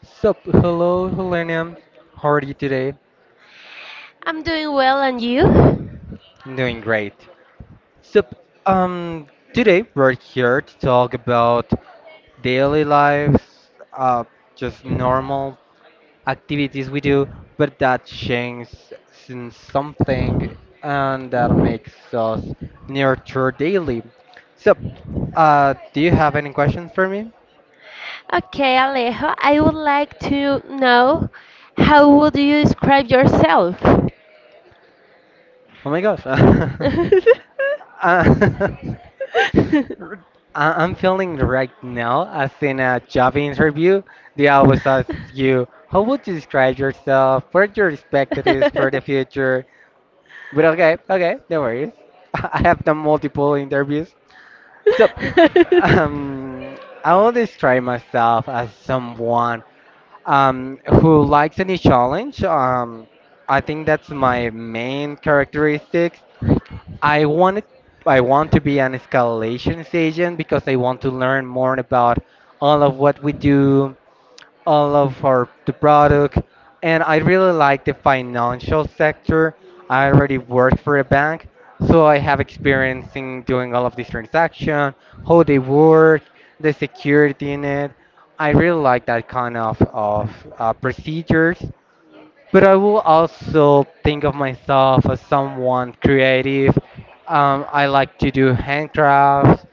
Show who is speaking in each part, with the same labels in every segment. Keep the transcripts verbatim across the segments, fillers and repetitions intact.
Speaker 1: So, hello, Helena. How are you today?
Speaker 2: I'm doing well, and you?
Speaker 1: I'm doing great. So, um, today we're here to talk about daily lives, uh, just normal activities we do, but that changes in something and that makes us nurture daily. So, uh, do you have any questions for me?
Speaker 2: Okay, Alejo, I would like to know how would you describe yourself?
Speaker 1: Oh my gosh. Uh, R- I- I'm feeling right now, as in a job interview, they always ask you, how would you describe yourself, what your expectations for the future? But okay, okay, no worries. I have done multiple interviews. So, um, I will describe myself as someone um, who likes any challenge. Um, I think that's my main characteristic. I wanted I want to be an escalation agent because I want to learn more about all of what we do, all of our the product, and I really like the financial sector. I already worked for a bank, so I have experience in doing all of these transactions, how they work, the security in it. I really like that kind of of uh, procedures, but I will also think of myself as someone creative. Um, I like to do handcrafts.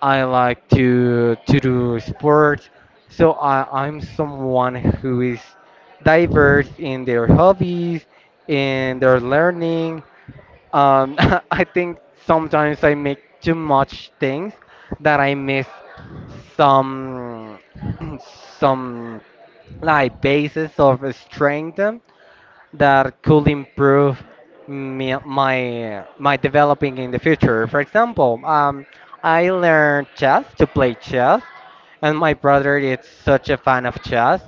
Speaker 1: I like to to do sports. So I, I'm someone who is diverse in their hobbies, in their learning. Um, I think sometimes I make too much things that I miss some some like basis of strength that could improve me, my my developing in the future. For example, um, I learned chess to play chess, and my brother is such a fan of chess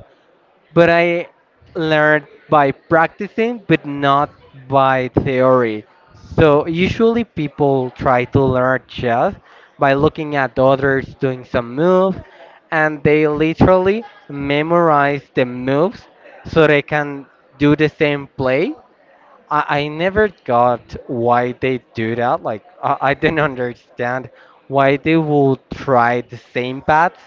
Speaker 1: but I learned by practicing, but not by theory. So usually people try to learn chess by looking at others doing some move, and they literally memorize the moves so they can do the same play. I, I never got why they do that. Like, I, I didn't understand why they will try the same paths.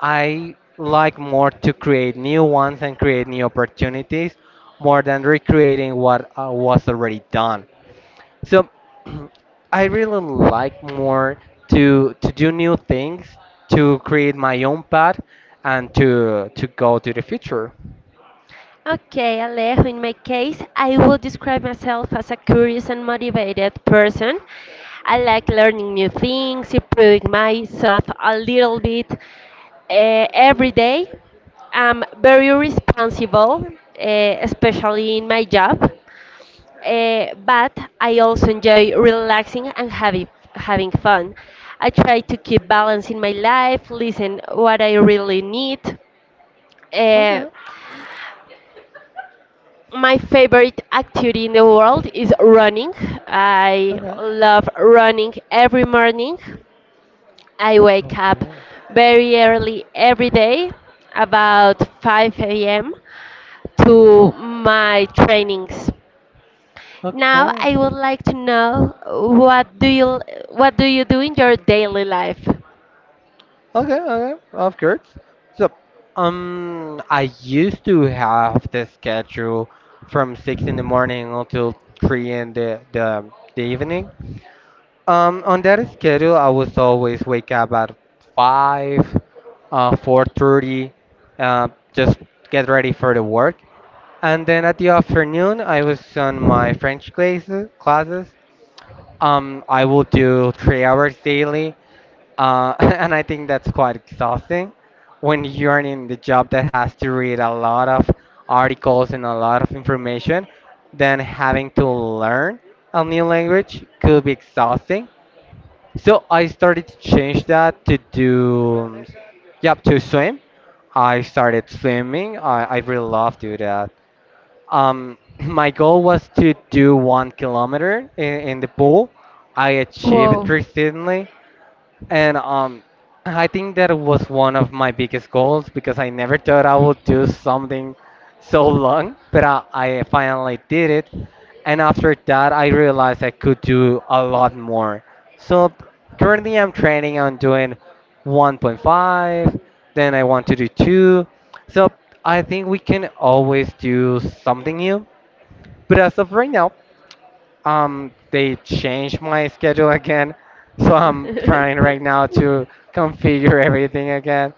Speaker 1: I like more to create new ones and create new opportunities more than recreating what uh, was already done. So, I really like more to to do new things, to create my own path, and to to go to the future.
Speaker 2: Okay, Alejo, in my case, I would describe myself as a curious and motivated person. I like learning new things, improving myself a little bit uh, every day. I'm very responsible, uh, especially in my job. Uh, but I also enjoy relaxing and having having fun. I try to keep balance in my life, listen what I really need. Uh,
Speaker 1: Okay,
Speaker 2: My favorite activity in the world is running. I
Speaker 1: okay.
Speaker 2: love running every morning. I wake up
Speaker 1: Okay.
Speaker 2: very early every day, about five a m, to my trainings. Now
Speaker 1: Okay.
Speaker 2: I would like to know what do you what do you do in your daily life?
Speaker 1: Okay, okay, of course. So, um, I used to have the schedule from six in the morning until three in the the, the evening. Um, on that schedule, I was always wake up at five, uh, four thirty, uh, just get ready for the work. And then at the afternoon, I was on my French classes. Classes. Um, I will do three hours daily. Uh, and I think that's quite exhausting when you're in the job that has to read a lot of articles and a lot of information, then having to learn a new language could be exhausting. So I started to change that to do, yep, to swim. I started swimming. I, I really love do that. Um, my goal was to do one kilometer in, in the pool. I achieved it
Speaker 2: Whoa.
Speaker 1: recently. And um, I think that was one of my biggest goals because I never thought I would do something so long, but I, I finally did it. And after that, I realized I could do a lot more. So currently, I'm training on doing one point five, then I want to do two. So I think we can always do something new. But as of right now, um, they changed my schedule again, so I'm trying right now to configure everything again.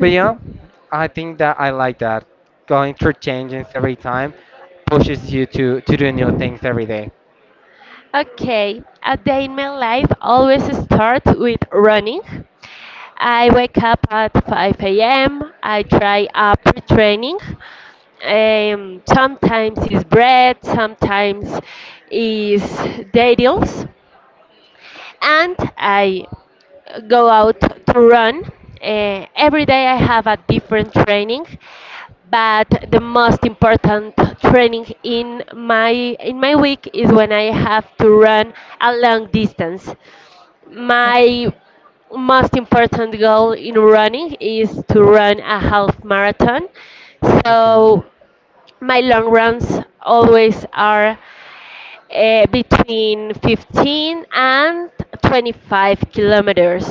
Speaker 1: But yeah, I think that I like that. Going through changes every time pushes you to to do new things every day.
Speaker 2: Okay, a day in my life always starts with running. I wake up at five a m. I try upper training. Um, sometimes it's bread, sometimes it's dates and I go out to run. Eh, every day I have a different training, but the most important training in my in my week is when I have to run a long distance. My most important goal in running is to run a half marathon.
Speaker 1: Okay.
Speaker 2: So my long runs always are uh, between fifteen and twenty-five kilometers.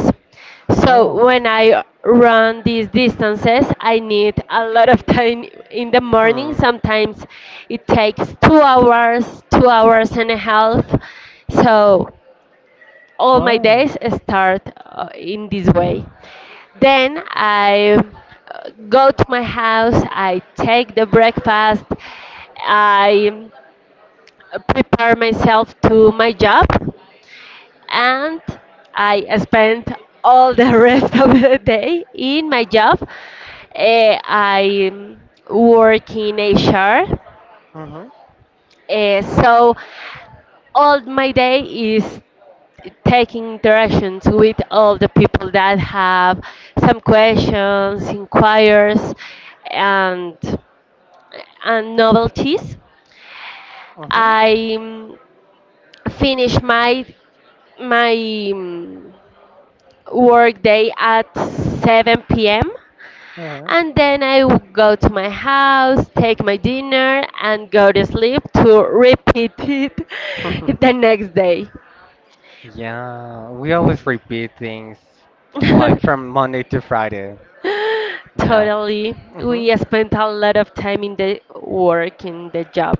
Speaker 2: So
Speaker 1: Wow.
Speaker 2: when I run these distances, I need a lot of time in the morning.
Speaker 1: Hmm.
Speaker 2: Sometimes it takes two hours, two hours and a half. So all my
Speaker 1: Wow.
Speaker 2: days start uh, in this way. Then I uh, go to my house, I take the breakfast, I uh, prepare myself to my job and I spent all the rest of the day in my job. Eh, I work in H R,
Speaker 1: Mhm.
Speaker 2: eh, so all my day is taking interactions with all the people that have some questions, inquiries, and and novelties.
Speaker 1: Mhm.
Speaker 2: I finish my my mm, work day at seven p m
Speaker 1: Uh-huh.
Speaker 2: and then I would go to my house, take my dinner, and go to sleep to repeat it the next day.
Speaker 1: Yeah, we always repeat things uh, like from Monday to Friday. Yeah.
Speaker 2: Totally,
Speaker 1: Mhm.
Speaker 2: we spent a lot of time in the work in the job.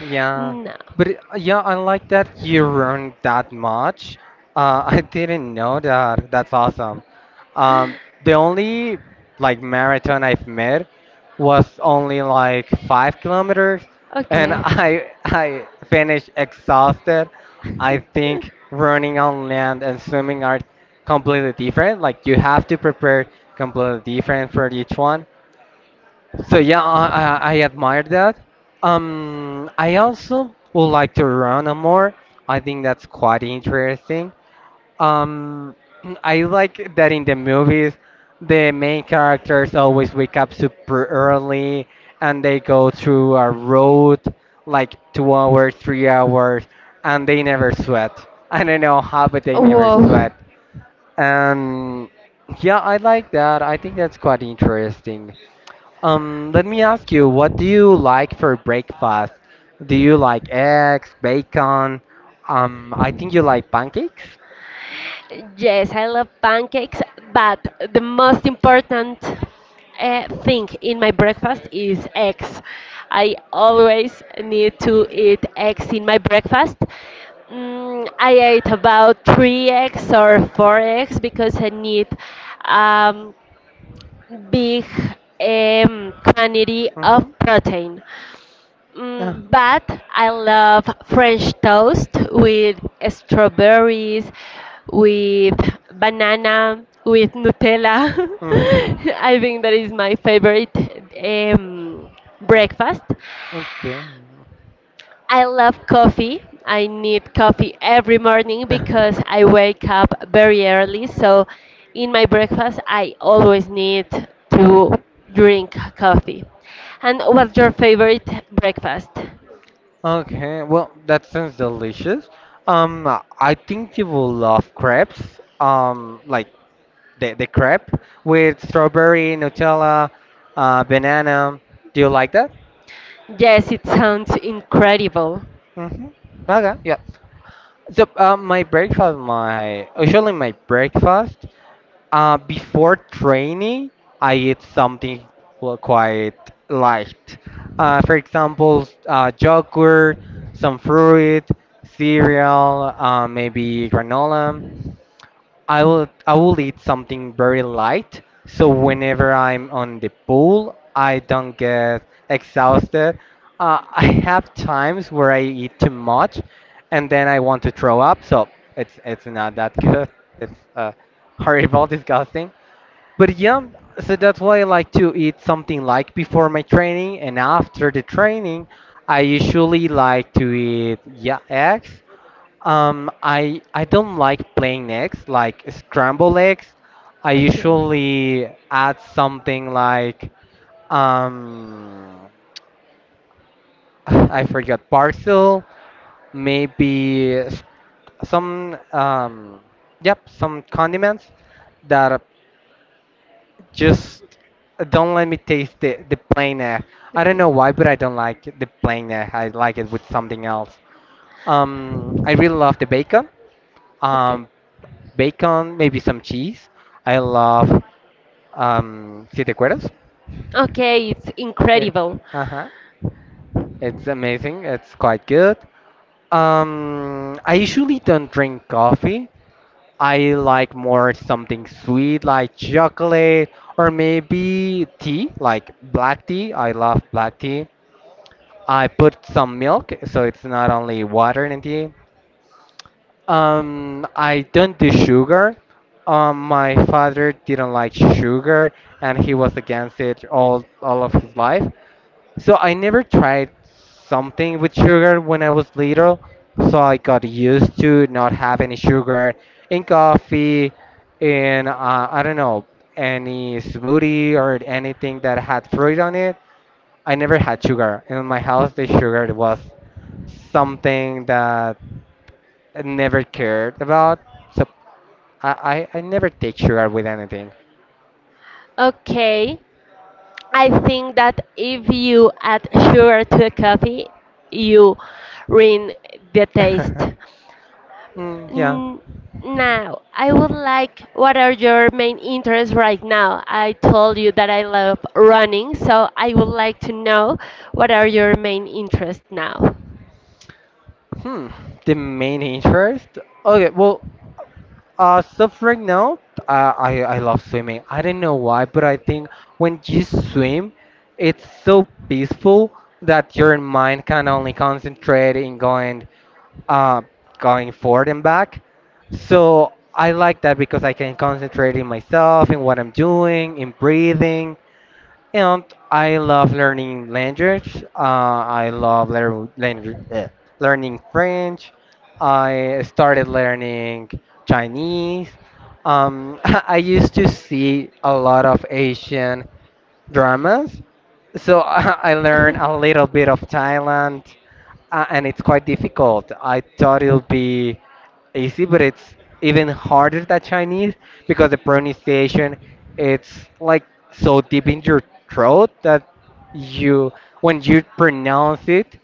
Speaker 1: Yeah,
Speaker 2: No,
Speaker 1: but it- yeah, I like that you earned that much. Uh, I didn't know that. That's awesome. Um, the only like marathon I've met was only like five kilometers, and
Speaker 2: okay.
Speaker 1: I I finished exhausted. I think running on land and swimming are completely different. Like you have to prepare completely different for each one. So yeah, I, I, I admire that. Um, I also would like to run a more. I think that's quite interesting. Um, I like that in the movies, the main characters always wake up super early and they go through a road like two hours, three hours, and they never sweat. I don't know how, but they never
Speaker 2: Whoa.
Speaker 1: sweat. And yeah, I like that. I think that's quite interesting. Um, let me ask you, what do you like for breakfast? Do you like eggs, bacon? Um, I think you like pancakes.
Speaker 2: Yes, I love pancakes, but the most important uh, thing in my breakfast is eggs. I always need to eat eggs in my breakfast. Mm, I ate about three eggs or four eggs because I need um, big um, quantity of
Speaker 1: Mhm.
Speaker 2: protein. Mm, but I love French toast with strawberries, with banana, with Nutella.
Speaker 1: Mhm.
Speaker 2: I think that is my favorite um, breakfast.
Speaker 1: Okay.
Speaker 2: I love coffee. I need coffee every morning because I wake up very early. So, in my breakfast, I always need to drink coffee. And what's your favorite breakfast?
Speaker 1: Okay. Well, that sounds delicious. Um, I think you will love crepes. Um, like the the crepe with strawberry, Nutella, uh, banana. Do you like that?
Speaker 2: Yes, it sounds incredible.
Speaker 1: Mhm. Okay. Yeah. So uh, my breakfast, my usually my breakfast, uh, before training, I eat something qu- quite light. Uh, for example, s- uh, yogurt, some fruit, cereal, uh, maybe granola. I will I will eat something very light so whenever I'm on the pool I don't get exhausted. Uh, I have times where I eat too much and then I want to throw up so it's it's not that good. It's uh, horrible, disgusting. But yeah, so that's why I like to eat something like before my training and after the training, I usually like to eat, yeah, eggs. Um, I I don't like plain eggs, like scrambled eggs. I
Speaker 2: Okay,
Speaker 1: usually add something like um, I forgot parcel, maybe s- some um, yep, some condiments that just don't let me taste the the plain egg. I don't
Speaker 2: okay,
Speaker 1: know why, but I don't like the plain egg. I like it with something else. Um, I really love the bacon.
Speaker 2: okay.
Speaker 1: um, Bacon, maybe some cheese. I love um, siete cueros.
Speaker 2: Okay, it's
Speaker 1: Eh,
Speaker 2: incredible.
Speaker 1: uh-huh. It's amazing. It's quite good. Um, I usually don't drink coffee. I like more something sweet like chocolate or maybe tea, like black tea. I love black tea. I put some milk, so it's not only water and tea. Um, I don't do sugar. Um, my father didn't like sugar, and he was against it all all of his life. So I never tried something with sugar when I was little. So I got used to not have any sugar in coffee, in uh, I don't know any smoothie or anything that had fruit on it. I never had sugar in my house. The sugar was something that I never cared about. So I, I, I never take sugar with anything.
Speaker 2: Okay, I think that if you add sugar to a coffee, you ruin the taste.
Speaker 1: Mm, yeah.
Speaker 2: N- Now, I would like what are your main interests right now? I told you that I love running, so I would like to know what are your main interests now.
Speaker 1: Hmm. The main interest? Okay. Well, uh, so right now, uh, I I love swimming. I don't know why, but I think when you swim, it's so peaceful that your mind can only concentrate in going, uh, going forward and back. So I like that because I can concentrate in myself, in what I'm doing, in breathing. And I love learning language. Uh, I love lear- langu- eh, learning French. I started learning Chinese. Um, I used to see a lot of Asian dramas, so I learned a little bit of Thailand, uh, and it's quite difficult. I thought it would be easy, but it's even harder than Chinese because the pronunciation it's like so deep in your throat that you when you pronounce it,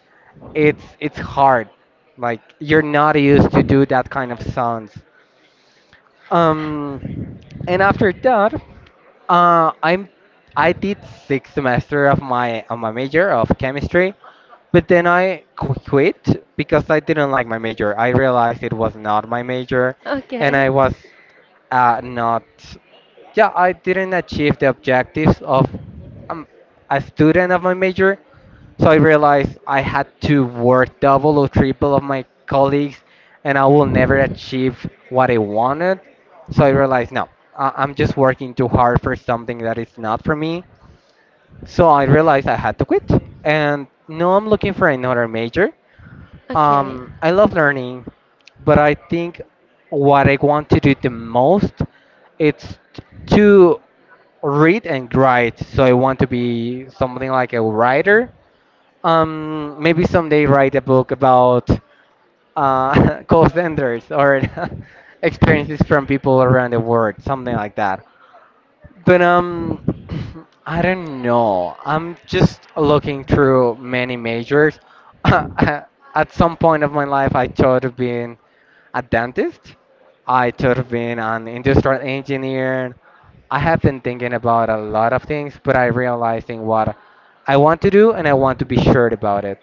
Speaker 1: it's it's hard. Like you're not used to do that kind of sounds. Um, and after that, uh, I'm I did sixth semester of my of my major of chemistry, but then I qu- quit because I didn't like my major. I realized it was not my major, and
Speaker 2: Okay.
Speaker 1: I was uh, not. Yeah, I didn't achieve the objectives of um, a student of my major. So I realized I had to work double or triple of my colleagues, and I will never achieve what I wanted. So I realized, no, I- I'm just working too hard for something that is not for me. So I realized I had to quit. And now I'm looking for another major.
Speaker 2: Okay.
Speaker 1: Um, I love learning, but I think what I want to do the most it's to read and write. So I want to be something like a writer. Um, maybe someday write a book about uh, call centers or experiences from people around the world, something like that. But um, I don't know. I'm just looking through many majors. At some point of my life, I thought of being a dentist. I thought of being an industrial engineer. I have been thinking about a lot of things, but I realizing what I want to do and I want to be sure about it.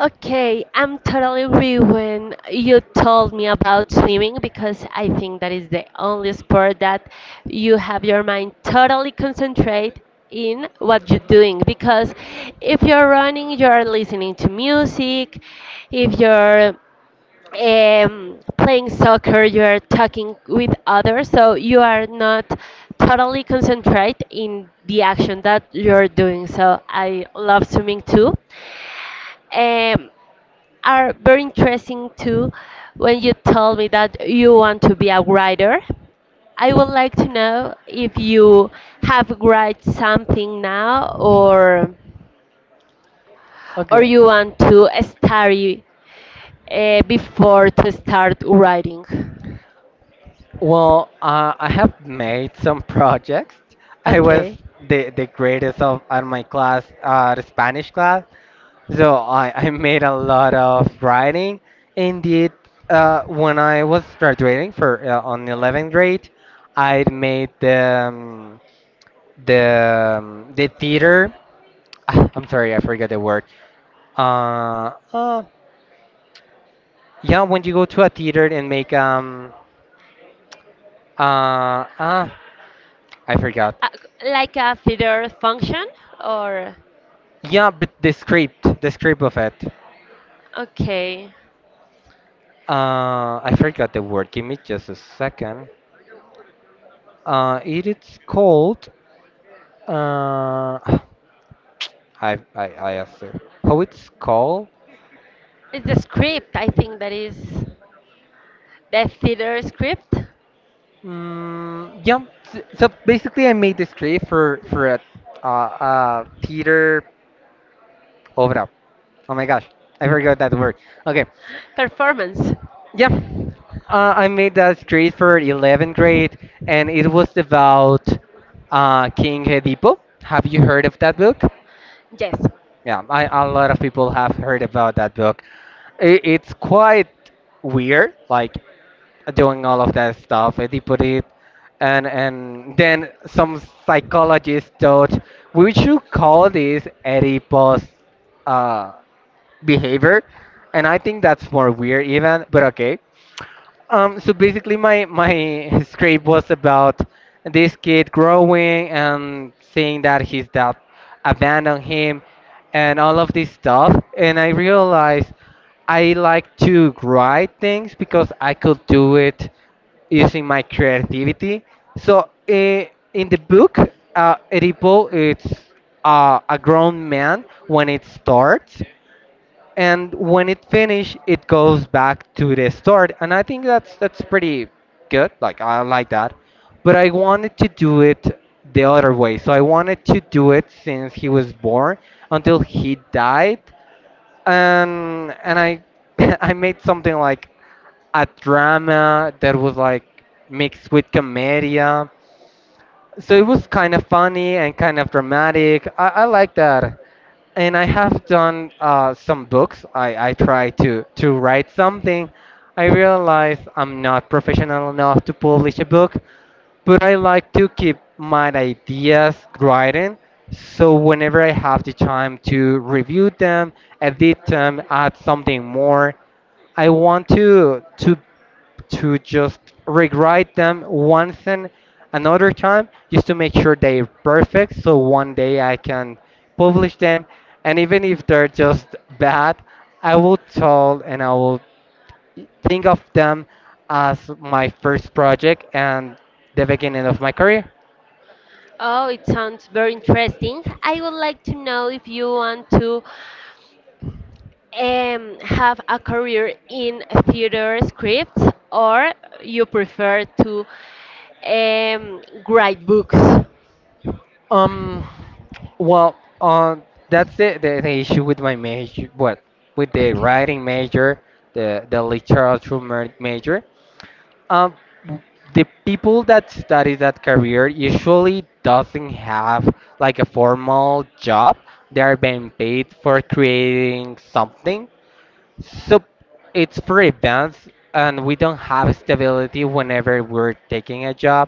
Speaker 2: Okay, I'm totally with when you told me about swimming because I think that is the only sport that you have your mind totally concentrate in what you're doing because if you're running you're listening to music
Speaker 1: Hmm.
Speaker 2: if you're um, playing soccer, you are talking with others, so you are not totally concentrate in the action that you're doing. So I love swimming too. Um, are very interesting too when you told me that you want to be a writer. I would like to know if you have write something now or or
Speaker 1: Okay.
Speaker 2: you want to study uh, before to start writing.
Speaker 1: Well, uh, I have made some projects. I was
Speaker 2: Okay.
Speaker 1: the, the greatest of at my class, uh, the Spanish class. So I, I made a lot of writing. Indeed, uh, when I was graduating for uh, on the eleventh grade, I made the um, the um, the theater. Ah, I'm sorry, I forgot the word. Uh, uh, yeah, when you go to a theater and make um uh, uh I forgot.
Speaker 2: Uh, like a theater function or
Speaker 1: Yeah, but the script, the script of it.
Speaker 2: okay.
Speaker 1: Uh, I forgot the word. Give me just a second. Uh, it is called. Uh, I I I asked her how it's called.
Speaker 2: It's a script. I think that is the theater script
Speaker 1: Mm, yeah. s- So basically, I made the script for for a uh, uh, theater obra. Oh my gosh, I forgot that word. Okay,
Speaker 2: performance.
Speaker 1: yeah, uh, I made that grade for eleventh grade, and it was about uh, King Edipo. Have you heard of that book?
Speaker 2: Yes.
Speaker 1: Yeah, I, a lot of people have heard about that book. I it's quite weird, like doing all of that stuff. Edipo did, and and then some psychologists thought we should call this Oedipus uh, behavior, and I think that's more weird even. But okay. Um, so basically, my my script was about this kid growing and seeing that his dad abandoned him, and all of this stuff. And I realized I like to write things because I could do it using my creativity. So eh, in the book, uh, Edipo, it's uh, a grown man when it starts, and when it finished it goes back to the start, and I think that's that's pretty good, like I like that, but I wanted to do it the other way, so I wanted to do it since he was born until he died. And and i I made something like a drama that was like mixed with comedia, so it was kind of funny and kind of dramatic. I, I like that. And I have done uh, some books. I, I try to, to write something. I realize I'm not professional enough to publish a book, but I like to keep my ideas writing. So whenever I have the time to review them, edit them, add something more, I want to to to just rewrite them once and another time, just to make sure they're perfect, so one day I can publish them. And even if they're just bad, I will tell and I will think of them as my first project and the beginning of my career.
Speaker 2: Oh, it sounds very interesting. I would like to know if you want to um, have a career in theater scripts or you prefer to um, write books.
Speaker 1: Um, well, uh, that's the, the, the issue with my major, what, with the
Speaker 2: Okay.
Speaker 1: writing major, the, the literature ma- major. Um, the people that study that career usually doesn't have like a formal job. They are being paid for creating something. So it's for events, and we don't have stability whenever we're taking a job.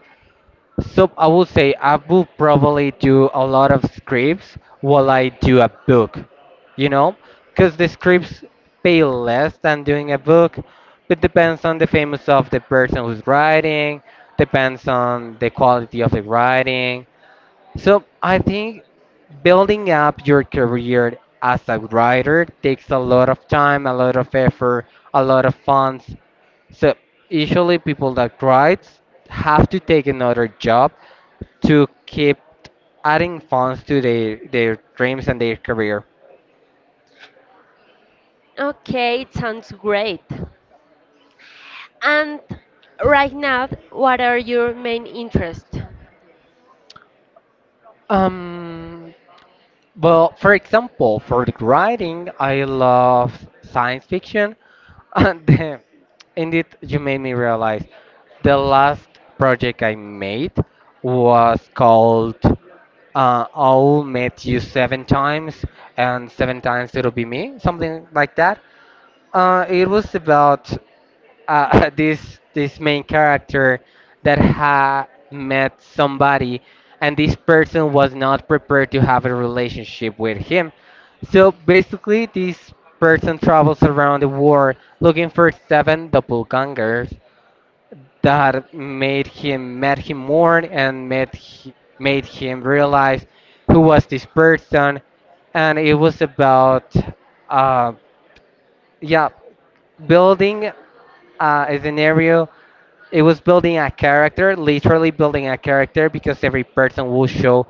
Speaker 1: So I would say I would probably do a lot of scripts while I do a book, you know, because the
Speaker 2: Okay.
Speaker 1: scripts pay less than doing a book, but depends on the famous of the person who's writing, depends on the quality of the writing. So I think building up your career as a writer takes a lot of time, a lot of effort, a lot of funds. So usually people that write have to take another job to keep adding funds to their, their dreams and their career.
Speaker 2: Okay, it sounds great. And right now, what are your main interests?
Speaker 1: Um, Well, for example, for the writing, I love science fiction. And then, indeed, you made me realize the last project I made was called uh, I'll Met You Seven Times, and Seven Times It'll Be Me, something like that. Uh, it was about uh, this this main character that had met somebody, and this person was not prepared to have a relationship with him. So basically this person travels around the world looking for seven doppelgangers that made him made him mourn and made he, made him realize who was this person. And it was about uh, yeah, building uh, a scenario. It was building a character, literally building a character, because every person will show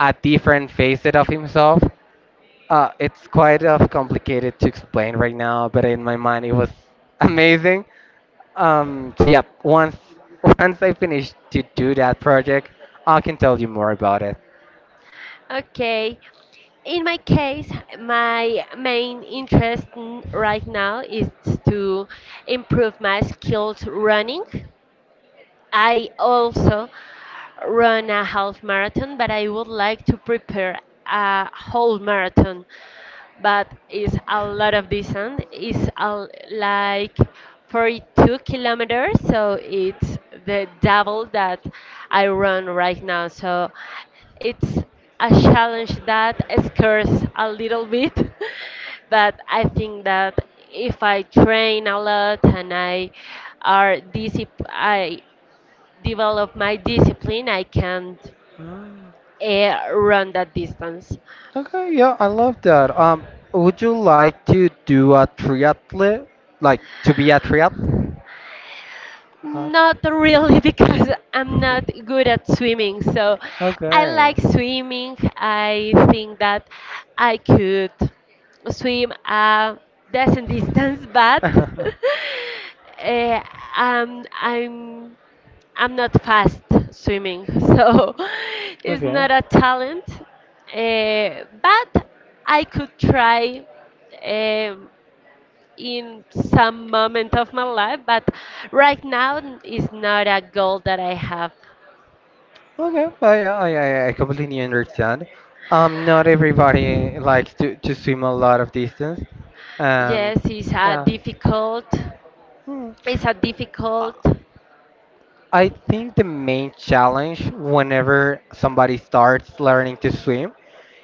Speaker 1: a different facet of himself. Uh, it's quite of complicated to explain right now, but in my mind it was amazing. Um, so yeah, once once I finish to do that project, I can tell you more about it.
Speaker 2: Okay. In my case, my main interest n- right now is to improve my skills running. I also run a half marathon, but I would like to prepare a whole marathon. But it's a lot of distance. It's a, like forty-two kilometers, so it's the double that I run right now. So it's a challenge that scares a little bit, but I think that if I train a lot and I are disciplined, I develop my discipline, I can't
Speaker 1: Mm.
Speaker 2: uh, run that distance.
Speaker 1: Okay, yeah, I love that. Um, would you like to do a triathlon, like to be a triathlete?
Speaker 2: Not really, because I'm not good at swimming. So I
Speaker 1: Okay.
Speaker 2: like swimming. I think that I could swim a decent distance, but uh, um, I'm I'm not fast swimming, so it's
Speaker 1: Okay.
Speaker 2: not a talent. Uh, but I could try. um in some moment of my life, but right now n- is not a goal that I have.
Speaker 1: Okay. I, I I I completely understand. Um, not everybody likes to to swim a lot of distance. Um,
Speaker 2: Yes, it's a
Speaker 1: yeah.
Speaker 2: difficult.
Speaker 1: Hmm.
Speaker 2: It's a
Speaker 1: I
Speaker 2: difficult.
Speaker 1: I think the main challenge whenever somebody starts learning to swim,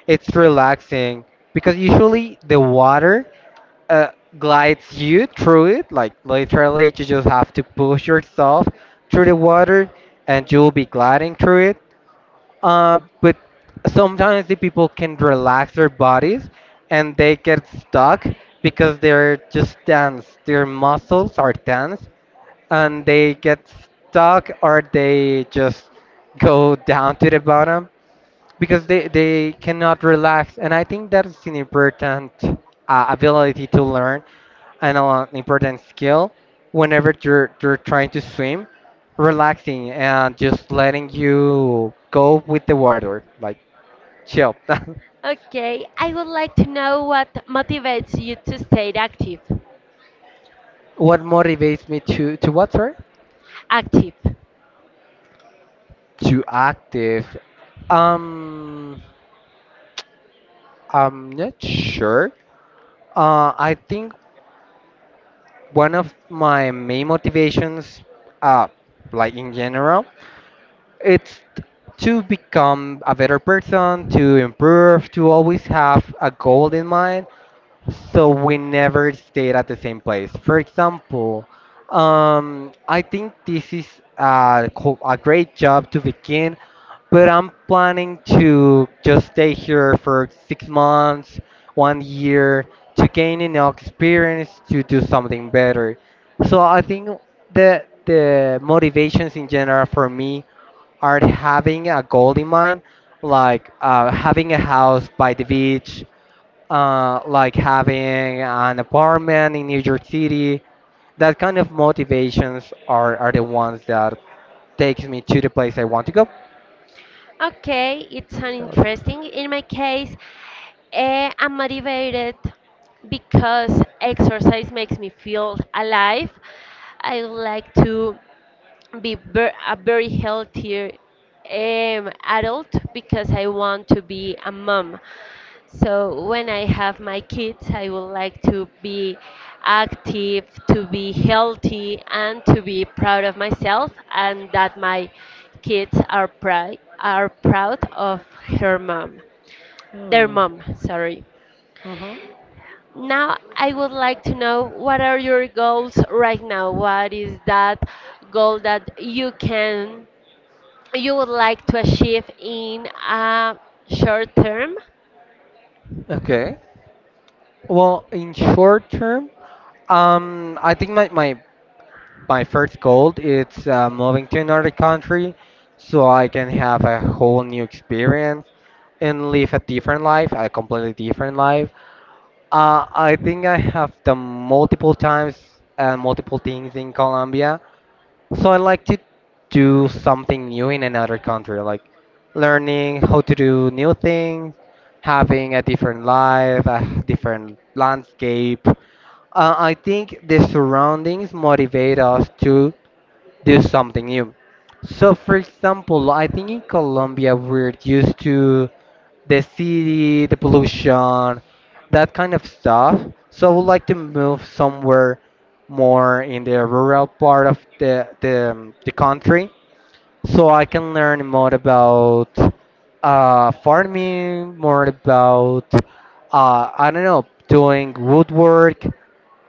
Speaker 1: it's relaxing because usually the water uh, glides you through it. Like literally, you just have to push yourself through the water, and you'll be gliding through it. Uh, but sometimes the people can relax their bodies, and they get stuck because they're just tense. Their muscles are tense, and they get stuck, or they just go down to the bottom because they they cannot relax. And I think that's an important uh, ability to learn, and an important skill whenever you're you're trying to swim, relaxing and just letting you go with the water, like chill.
Speaker 2: Okay, I would like to know what motivates you to stay active.
Speaker 1: What motivates me to to what, sorry?
Speaker 2: Active.
Speaker 1: To active. um I'm not sure. uh I think one of my main motivations, uh like in general, it's to become a better person, to improve, to always have a goal in mind, so we never stayed at the same place. For example, um, I think this is a, co- a great job to begin, but I'm planning to just stay here for six months, one year, to gain enough experience to do something better. So I think the the motivations in general for me are having a goal in mind, like uh, having a house by the beach, uh, like having an apartment in New York City. That kind of motivations are, are the ones that takes me to the place I want to go.
Speaker 2: Okay, it's an
Speaker 1: So,
Speaker 2: interesting. In my case, eh, I'm motivated because exercise makes me feel alive. I would like to be ver- a very healthier um, adult because I want to be a mom. So when I have my kids, I would like to be active, to be healthy, and to be proud of myself, and that my kids are proud are proud of her mom, their
Speaker 1: hmm,
Speaker 2: mom. Sorry.
Speaker 1: mhm.
Speaker 2: Now I would like to know what are your goals right now? What is that goal that you can you would like to achieve in a short term?
Speaker 1: Okay. Well, in short term, um, I think my, my my first goal is uh, moving to another country so I can have a whole new experience and live a different life, a completely different life. Uh, I think I have done multiple times and multiple things in Colombia. So I like to do something new in another country, like learning how to do new things, having a different life, a different landscape. Uh, I think the surroundings motivate us to do something new. So, for example, I think in Colombia we're used to the city, the pollution, that kind of stuff. So, I would like to move somewhere more in the rural part of the the, um, the country, so I can learn more about uh, farming, more about uh, I don't know, doing woodwork,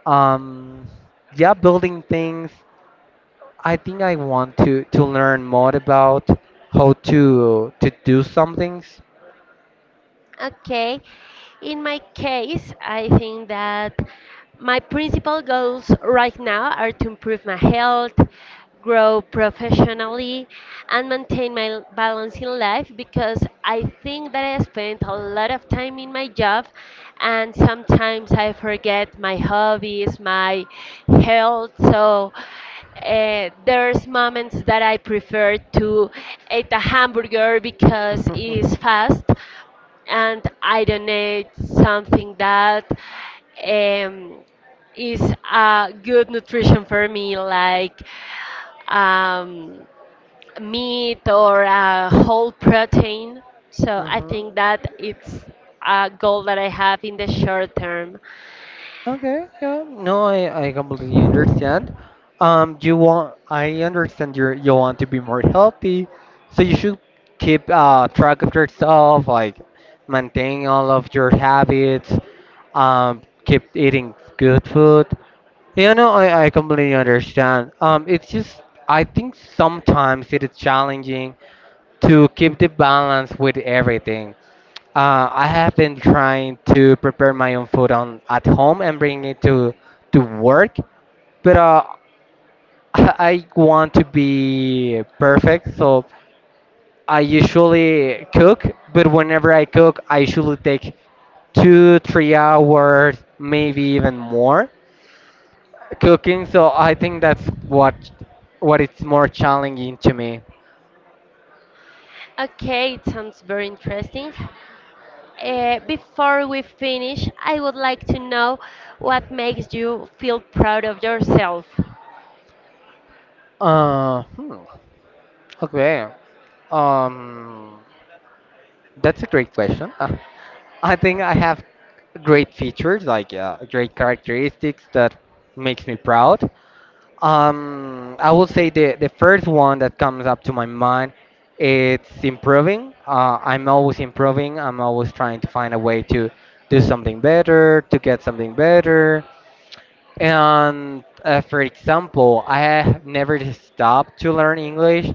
Speaker 1: um, yeah, building things. I think I want to to learn more about how to to do some things.
Speaker 2: Okay. In my case, I think that my principal goals right now are to improve my health, grow professionally, and maintain my l- balance in life because I think that I spend a lot of time in my job and sometimes I forget my hobbies, my health. So uh, there's moments that I prefer to eat a hamburger because it's fast and I donate something that um, is a good nutrition for me, like um, meat or a whole protein. So I
Speaker 1: Hmm.
Speaker 2: think that it's a goal that I have in the short term.
Speaker 1: Okay, yeah. No, I, I completely understand. Um, you want, I understand you you want to be more healthy, so you should keep uh track of yourself, like maintain all of your habits, um, keep eating good food. Yeah, no, I, I completely understand. Um, it's just I think sometimes it is challenging to keep the balance with everything. Uh, I have been trying to prepare my own food on at home and bring it to to work, but uh, I want to be perfect, so I usually cook. But whenever I cook, I usually take two, three hours, maybe even more, cooking. So I think that's what what it's more challenging to me.
Speaker 2: Okay, it sounds very interesting. Uh, before we finish, I would like to know what makes you feel proud of yourself.
Speaker 1: Uh, hmm. Okay. Um. That's a great question. Uh, I think I have great features, like uh, great characteristics that makes me proud. Um, I will say the the first one that comes up to my mind, it's improving. Uh, I'm always improving. I'm always trying to find a way to do something better, to get something better. And uh, for example, I have never stopped to learn English.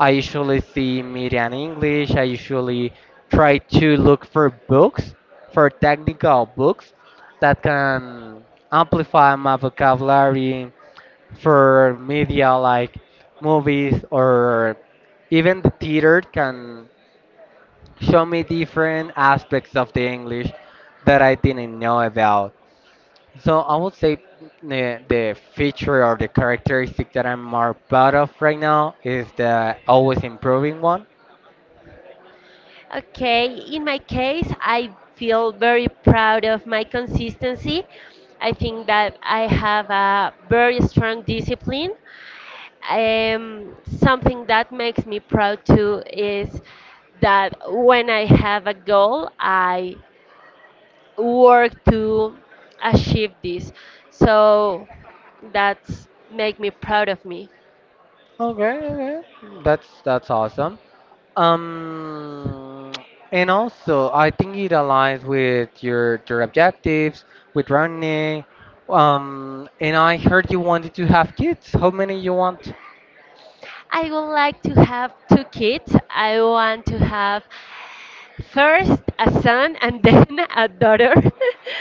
Speaker 1: I usually see media in English. I usually try to look for books, for technical books that can amplify my vocabulary, for media like movies or even the theater can show me different aspects of the English that I didn't know about. So I would say the, the feature or the characteristic that I'm more proud of right now is the always improving one.
Speaker 2: Okay, in my case, I feel very proud of my consistency. I think that I have a very strong discipline. Um, something that makes me proud too is that when I have a goal, I work to achieve this. So that's make me proud of me.
Speaker 1: Okay, okay. That's that's awesome. Um, and also I think it aligns with your your objectives with running. Um, and I heard you wanted to have kids. How many you want?
Speaker 2: I would like to have two kids. I want to have first a son and then a daughter.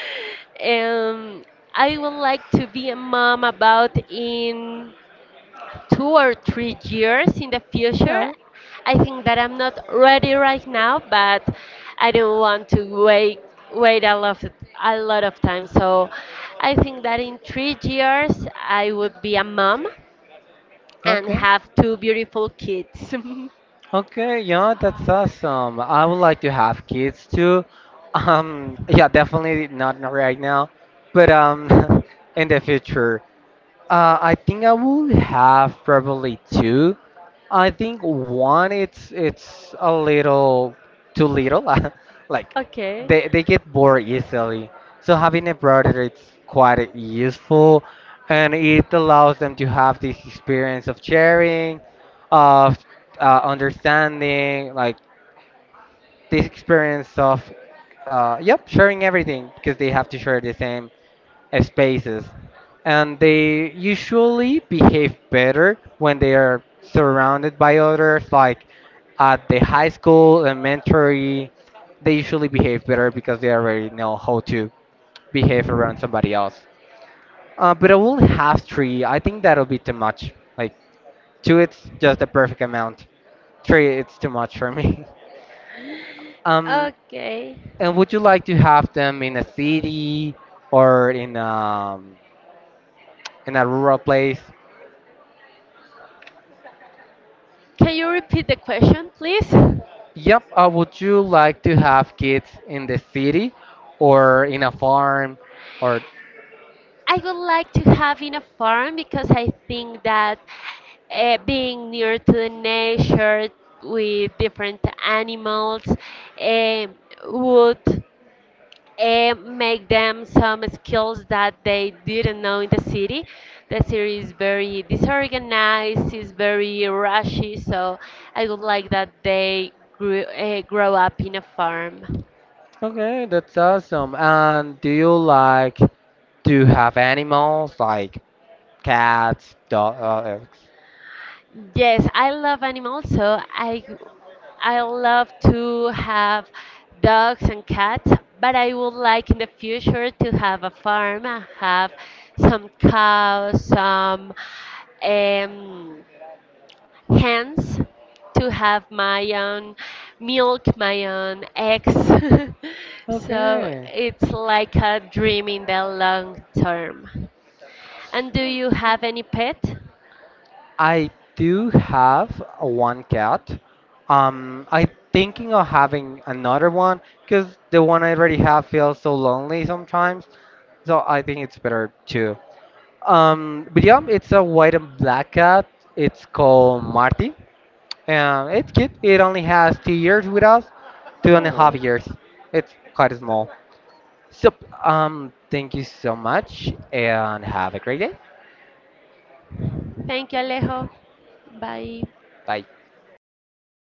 Speaker 2: um, I would like to be a mom about in two or three years in the future.
Speaker 1: Yeah.
Speaker 2: I think that I'm not ready right now, but I don't want to wait wait a lot of, a lot of time. So I think that in three years I would be a mom and
Speaker 1: Okay.
Speaker 2: have two beautiful kids.
Speaker 1: Okay, yeah, that's awesome. I would like to have kids too. Um, yeah, definitely not n- right now, but um, in the future. Uh, I think I would have probably two. I think one it's it's a little too little. Like
Speaker 2: Okay.
Speaker 1: they they get bored easily. So having a brother, it's quite useful, and it allows them to have this experience of sharing, of uh, understanding, like this experience of uh, yep, sharing everything, because they have to share the same spaces, and they usually behave better when they are surrounded by others, like at the high school, elementary, they usually behave better because they already know how to behave around somebody else. uh, but I will have three, I think that'll be too much, like two it's just the perfect amount, three it's too much for me. Um,
Speaker 2: Okay.
Speaker 1: and would you like to have them in a city or in um in a rural place?
Speaker 2: Can you repeat the question, please? I
Speaker 1: Yep. Uh, would you like to have kids in the city or in a farm, or
Speaker 2: would like to have in a farm because I think that uh, being near to the nature with different animals eh, would eh, make them some skills that they didn't know in the city. The city is very disorganized, is very rushy, so I would like that they grew, uh, grow up in a farm.
Speaker 1: okay, that's awesome. And do you like to have animals like cats, dogs?
Speaker 2: Yes, I love animals, so I I love to have dogs and cats, but I would like in the future to have a farm, uh, have some cows, some um, hens, to have my own milk, my own eggs. So
Speaker 1: Okay.
Speaker 2: it's like a dream in the long term. And do you have any pet?
Speaker 1: I do have a one cat. Um, I'm thinking of having another one because the one I already have feels so lonely sometimes. So I think it's better to. Um, but yeah, it's a white and black cat. It's called Marty. And it's cute. It only has two years with us, two and a half
Speaker 2: Oh.
Speaker 1: years. It's quite small. So, um, thank you so much and have a great day.
Speaker 2: Thank you, Alejo. Bye.
Speaker 1: Bye.